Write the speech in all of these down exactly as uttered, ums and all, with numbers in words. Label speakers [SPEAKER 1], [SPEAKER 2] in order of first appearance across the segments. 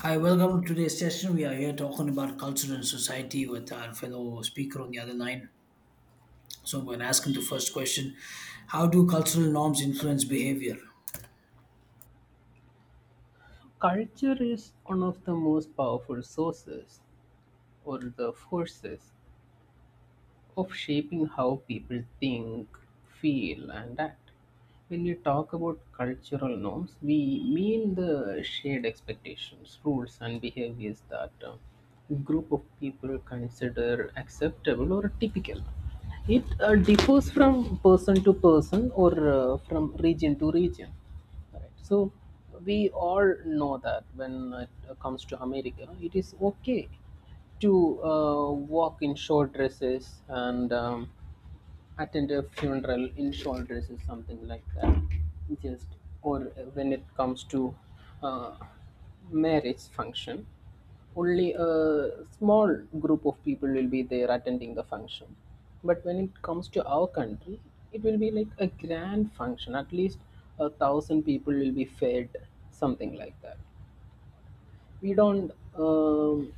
[SPEAKER 1] Hi, welcome to today's session. We are here talking about culture and society with our fellow speaker on the other line. So I'm going to ask him the first question: How do cultural norms influence behavior?
[SPEAKER 2] Culture is one of the most powerful sources or the forces of shaping how people think, feel, and act. When we talk about cultural norms, we mean the shared expectations, rules, and behaviors that uh, a group of people consider acceptable or typical. It uh, differs from person to person or uh, from region to region. Right. So we all know that when it uh, comes to America, it is okay to uh, walk in short dresses and um, attend a funeral in shawl dresses, something like that. Just or when it comes to uh, marriage function, only a small group of people will be there attending the function. But when it comes to our country, it will be like a grand function. At least a thousand people will be fed, something like that. We don't um,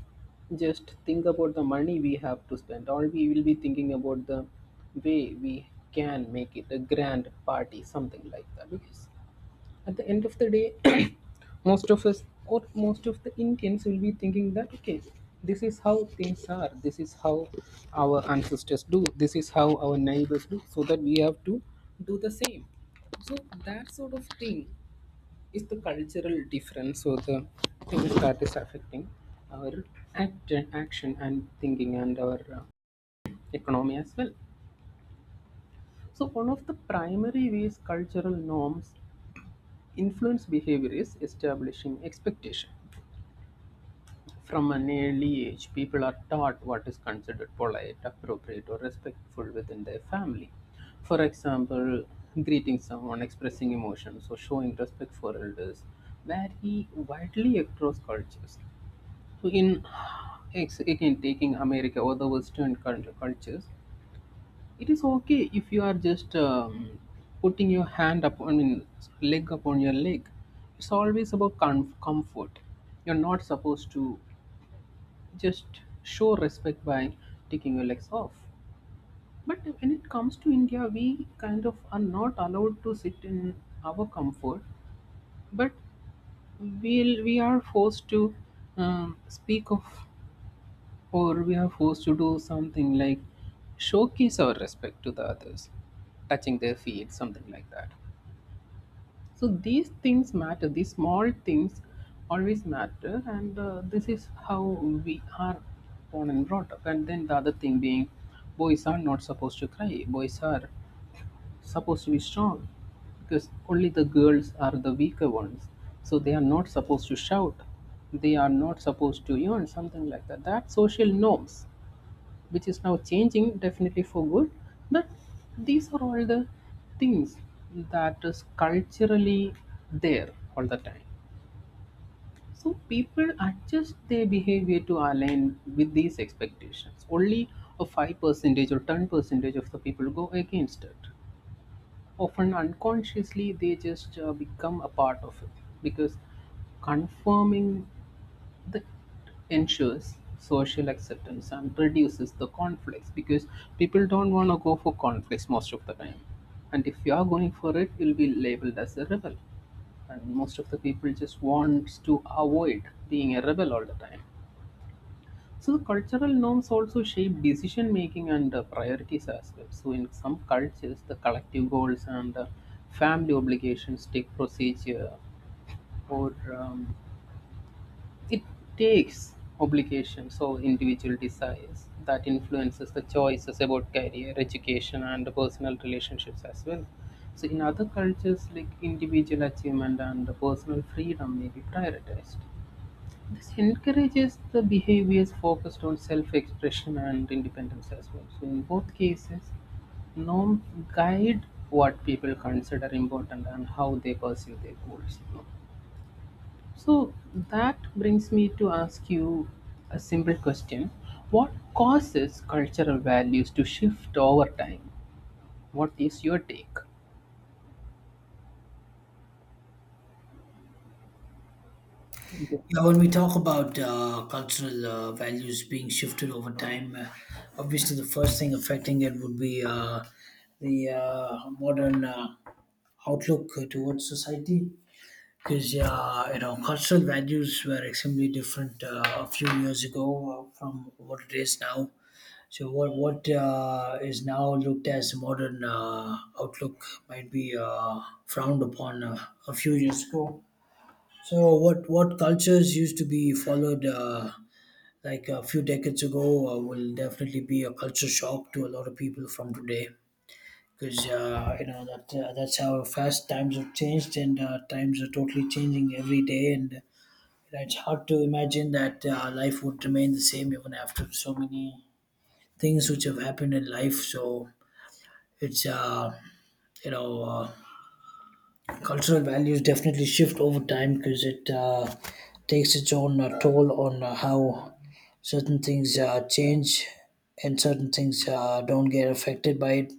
[SPEAKER 2] just think about the money we have to spend. All we will be thinking about the way we can make it a grand party, something like that, because at the end of the day most of us or most of the Indians will be thinking that, okay, this is how things are, this is how our ancestors do, this is how our neighbors do, so that we have to do the same. So that sort of thing is the cultural difference. So the things that is affecting our act, action and thinking, and our uh, economy as well. So one of the primary ways cultural norms influence behavior is establishing expectation. From an early age, people are taught what is considered polite, appropriate, or respectful within their family. For example, greeting someone, expressing emotions, or showing respect for elders vary widely across cultures. So in ex- again taking America or the Western cult- cultures, it is okay if you are just um, putting your hand upon, I mean, leg upon your leg. It's always about com- comfort. You're not supposed to just show respect by taking your legs off. But when it comes to India, we kind of are not allowed to sit in our comfort, but we'll, we are forced to um, speak of, or we are forced to do something like showcase our respect to the others, touching their feet, something like that. So these things matter, these small things always matter, and uh, this is how we are born and brought up. And then the other thing being, boys are not supposed to cry, boys are supposed to be strong, because only the girls are the weaker ones, so they are not supposed to shout, they are not supposed to yawn, something like that. That social norms, which is now changing, definitely for good, but these are all the things that is culturally there all the time. So people adjust their behavior to align with these expectations. Only a five percentage or ten percentage of the people go against it, often unconsciously. They just uh, become a part of it, because confirming that ensures social acceptance and reduces the conflicts, because people don't want to go for conflicts most of the time, and if you are going for it, you'll be labeled as a rebel, and most of the people just wants to avoid being a rebel all the time. So the cultural norms also shape decision making and uh, priorities as well. So in some cultures, the collective goals and uh, family obligations take procedure, or um, it takes obligations or individual desires that influences the choices about career, education, and personal relationships as well. So in other cultures, like individual achievement and personal freedom may be prioritized. This encourages the behaviors focused on self expression and independence as well. So, in both cases, norms guide what people consider important and how they perceive their goals. So, that brings me to ask you a simple question. What causes cultural values to shift over time? What is your take?
[SPEAKER 1] Yeah, when we talk about uh, cultural uh, values being shifted over time, uh, obviously the first thing affecting it would be uh, the uh, modern uh, outlook towards society. Because yeah, you know, cultural values were extremely different uh, a few years ago uh, from what it is now. So what what uh, is now looked as modern uh, outlook might be uh, frowned upon uh, a few years ago. So what what cultures used to be followed uh, like a few decades ago uh, will definitely be a culture shock to a lot of people from today because uh, you know that uh, that's how fast times have changed, and uh, times are totally changing every day, and you, it's hard to imagine that uh, life would remain the same even after so many things which have happened in life. So it's uh, you know uh, cultural values definitely shift over time because it uh, takes its own uh, toll on uh, how certain things uh, change, and certain things uh, don't get affected by it.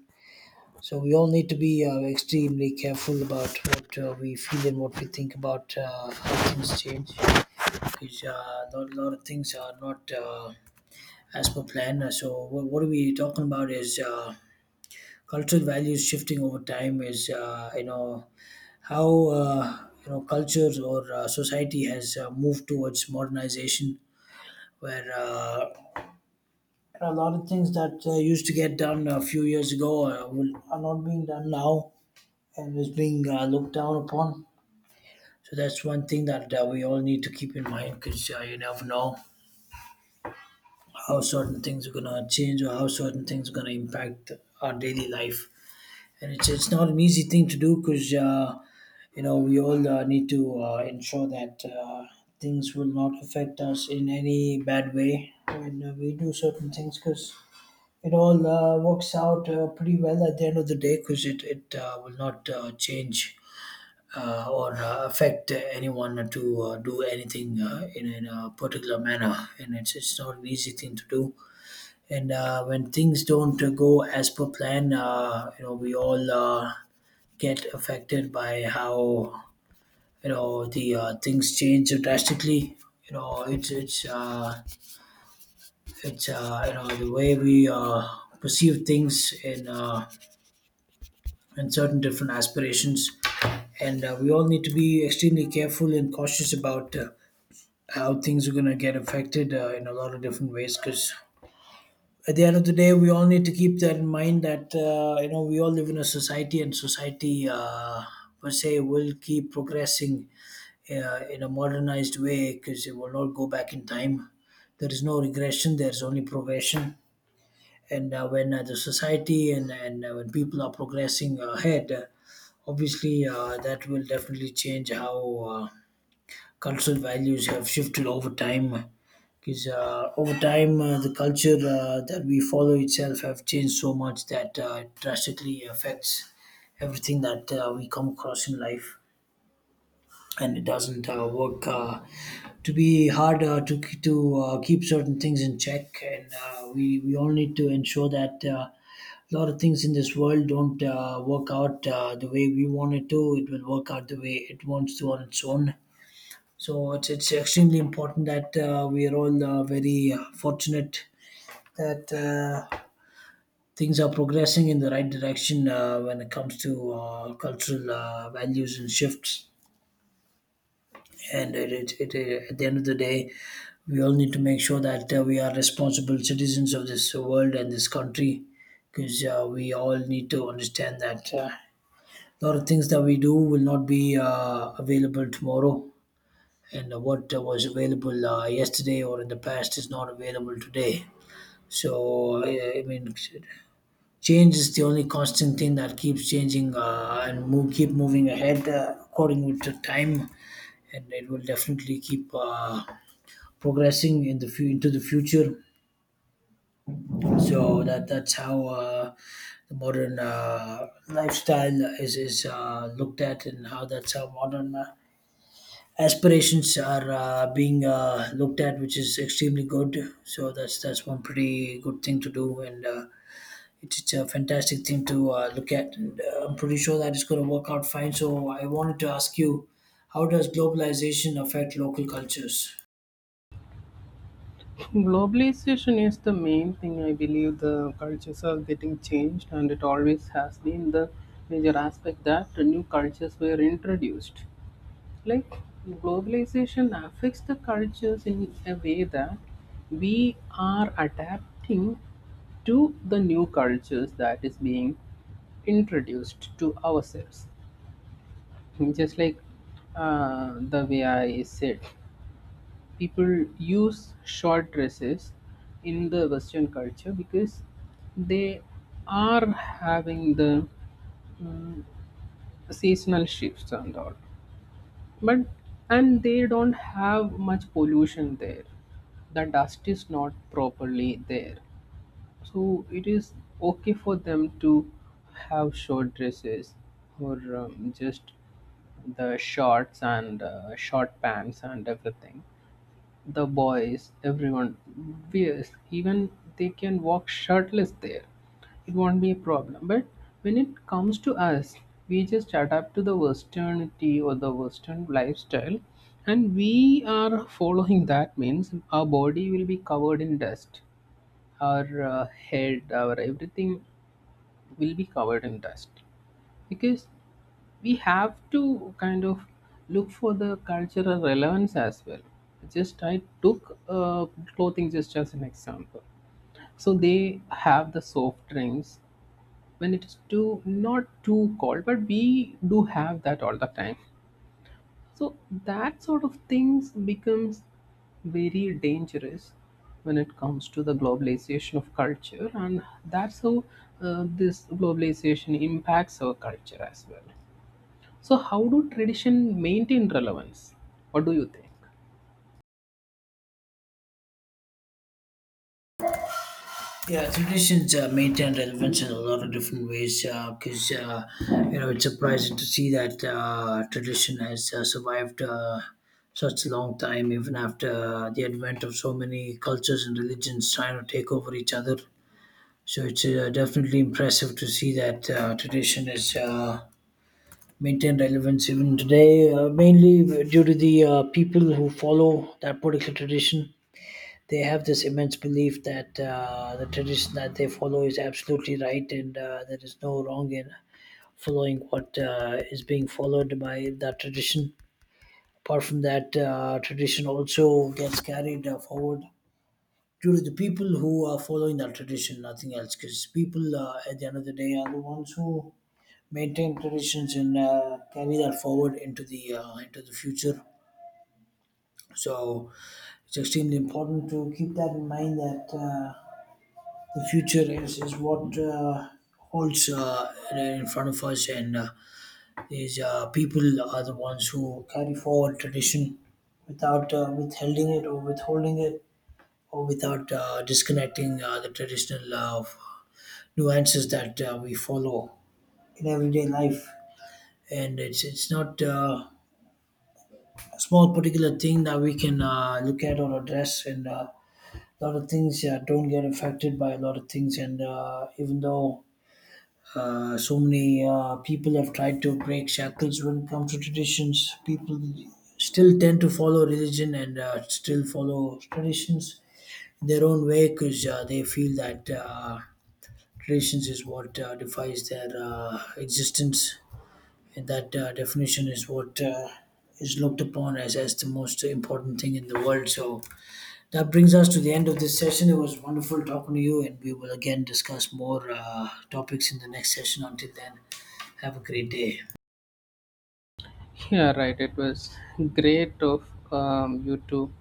[SPEAKER 1] So we all need to be uh, extremely careful about what uh, we feel and what we think about uh, how things change because uh, a lot, lot of things are not uh, as per plan. Uh, So what, what are we talking about is uh, cultural values shifting over time is, uh, you know, how uh, you know, culture or uh, society has uh, moved towards modernization where uh, a lot of things that uh, used to get done a few years ago uh, will, are not being done now and is being uh, looked down upon. So that's one thing that uh, we all need to keep in mind because uh, you never know how certain things are going to change or how certain things are going to impact our daily life, and it's it's not an easy thing to do because uh, you know, we all uh, need to uh, ensure that uh, things will not affect us in any bad way when uh, we do certain things because it all uh, works out uh, pretty well at the end of the day because it it uh, will not uh, change. Uh, or uh, affect anyone to uh, do anything uh, in, in a particular manner, and it's it's not an easy thing to do. And uh, when things don't uh, go as per plan, uh, you know, we all uh, get affected by how, you know, the uh, things change drastically. You know, it's it's uh, it's uh, you know, the way we uh, perceive things in uh, in certain different aspirations, and uh, we all need to be extremely careful and cautious about uh, how things are going to get affected uh, in a lot of different ways because. At the end of the day, we all need to keep that in mind that uh, you know, we all live in a society, and society uh, per se will keep progressing, yeah, in a modernized way because it will not go back in time. There is no regression, there's only progression. And uh, when uh, the society, and, and uh, when people are progressing ahead, uh, obviously uh, that will definitely change how uh, cultural values have shifted over time. Because uh, over time, uh, the culture uh, that we follow itself have changed so much that uh, it drastically affects everything that uh, we come across in life, and it doesn't uh, work uh, to be hard uh, to to uh, keep certain things in check, and uh, we we all need to ensure that uh, a lot of things in this world don't uh, work out uh, the way we want it to. It will work out the way it wants to on its own. So it's it's extremely important that uh, we are all uh, very uh, fortunate that uh, things are progressing in the right direction uh, when it comes to uh, cultural uh, values and shifts, and it, it, it, it- at the end of the day, we all need to make sure that uh, we are responsible citizens of this world and this country because uh, we all need to understand that uh, a lot of things that we do will not be uh, available tomorrow, and uh, what uh, was available uh, yesterday or in the past is not available today. So uh, I mean, change is the only constant thing that keeps changing, uh, and move, keep moving ahead uh, according with the time, and it will definitely keep uh, progressing in the fu- into the future. So that that's how uh, the modern uh, lifestyle is is uh, looked at, and how that's how modern uh, aspirations are uh, being uh, looked at, which is extremely good. So that's that's one pretty good thing to do, and. Uh, it's it's a fantastic thing to uh, look at, and uh, I'm pretty sure that it's going to work out fine. So, I wanted to ask you, how does globalization affect local cultures?
[SPEAKER 2] Globalization is the main thing. I believe the cultures are getting changed, and it always has been the major aspect that the new cultures were introduced. Like globalization affects the cultures in a way that we are adapting to the new cultures that is being introduced to ourselves. Just like uh, the way I said, people use short dresses in the Western culture because they are having the mm, seasonal shifts and all, but and they don't have much pollution there, the dust is not properly there, so it is okay for them to have short dresses or um, just the shorts and uh, short pants and everything. The boys, everyone wears, even they can walk shirtless there. It won't be a problem. But when it comes to us, we just adapt to the Westernity or the Western lifestyle, and we are following that, means our body will be covered in dust, our uh, head, our everything will be covered in dust, because we have to kind of look for the cultural relevance as well. Just I took uh, clothing just as an example. So they have the soft drinks when it is too, not too cold, but we do have that all the time. So that sort of things becomes very dangerous when it comes to the globalization of culture, and that's how uh, this globalization impacts our culture as well. So, how do tradition maintain relevance? What do you think?
[SPEAKER 1] Yeah, traditions uh, maintain relevance in a lot of different ways because uh, 'cause, uh, you know, it's surprising to see that uh, tradition has uh, survived uh, such a long time, even after the advent of so many cultures and religions trying to take over each other. So it's uh, definitely impressive to see that uh, tradition has uh, maintained relevance even today, uh, mainly due to the uh, people who follow that particular tradition. They have this immense belief that uh, the tradition that they follow is absolutely right, and uh, there is no wrong in following what uh, is being followed by that tradition. Apart from that, uh, tradition also gets carried uh, forward due to the people who are following that tradition, nothing else. Because people, uh, at the end of the day, are the ones who maintain traditions and uh, carry that forward into the uh, into the future. So it's extremely important to keep that in mind that. Uh, the future is, is what uh, holds uh, in front of us, and uh, these uh, people are the ones who carry forward tradition without uh, withholding it or withholding it or without uh, disconnecting uh, the traditional uh, nuances that uh, we follow in everyday life. And it's it's not uh, a small particular thing that we can uh, look at or address, and uh, a lot of things uh, don't get affected by a lot of things. And uh, even though Uh, so many uh, people have tried to break shackles when it comes to traditions, people still tend to follow religion and uh, still follow traditions in their own way because uh, they feel that uh, traditions is what uh, defines their uh, existence. And that uh, definition is what uh, is looked upon as, as the most important thing in the world. So that brings us to the end of this session. It was wonderful talking to you, and we will again discuss more uh, topics in the next session. Until then. Have a great day.
[SPEAKER 2] Yeah, right. It was great of um, you to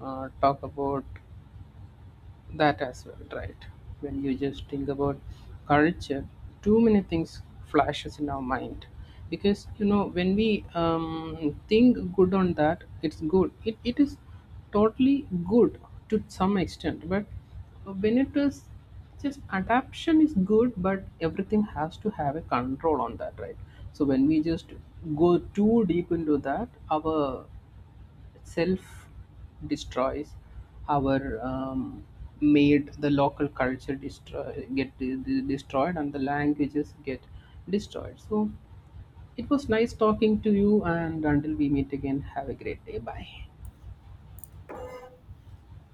[SPEAKER 2] uh, talk about that as well. Right, when you just think about culture, too many things flashes in our mind, because you know when we um, think good on that, it's good, it, it is totally good to some extent. But when it is just adaptation is good, but everything has to have a control on that, right? So when we just go too deep into that, our self destroys, our um, made the local culture destroy, get de- de- destroyed, and the languages get destroyed. So it was nice talking to you, and until we meet again, have a great day. Bye.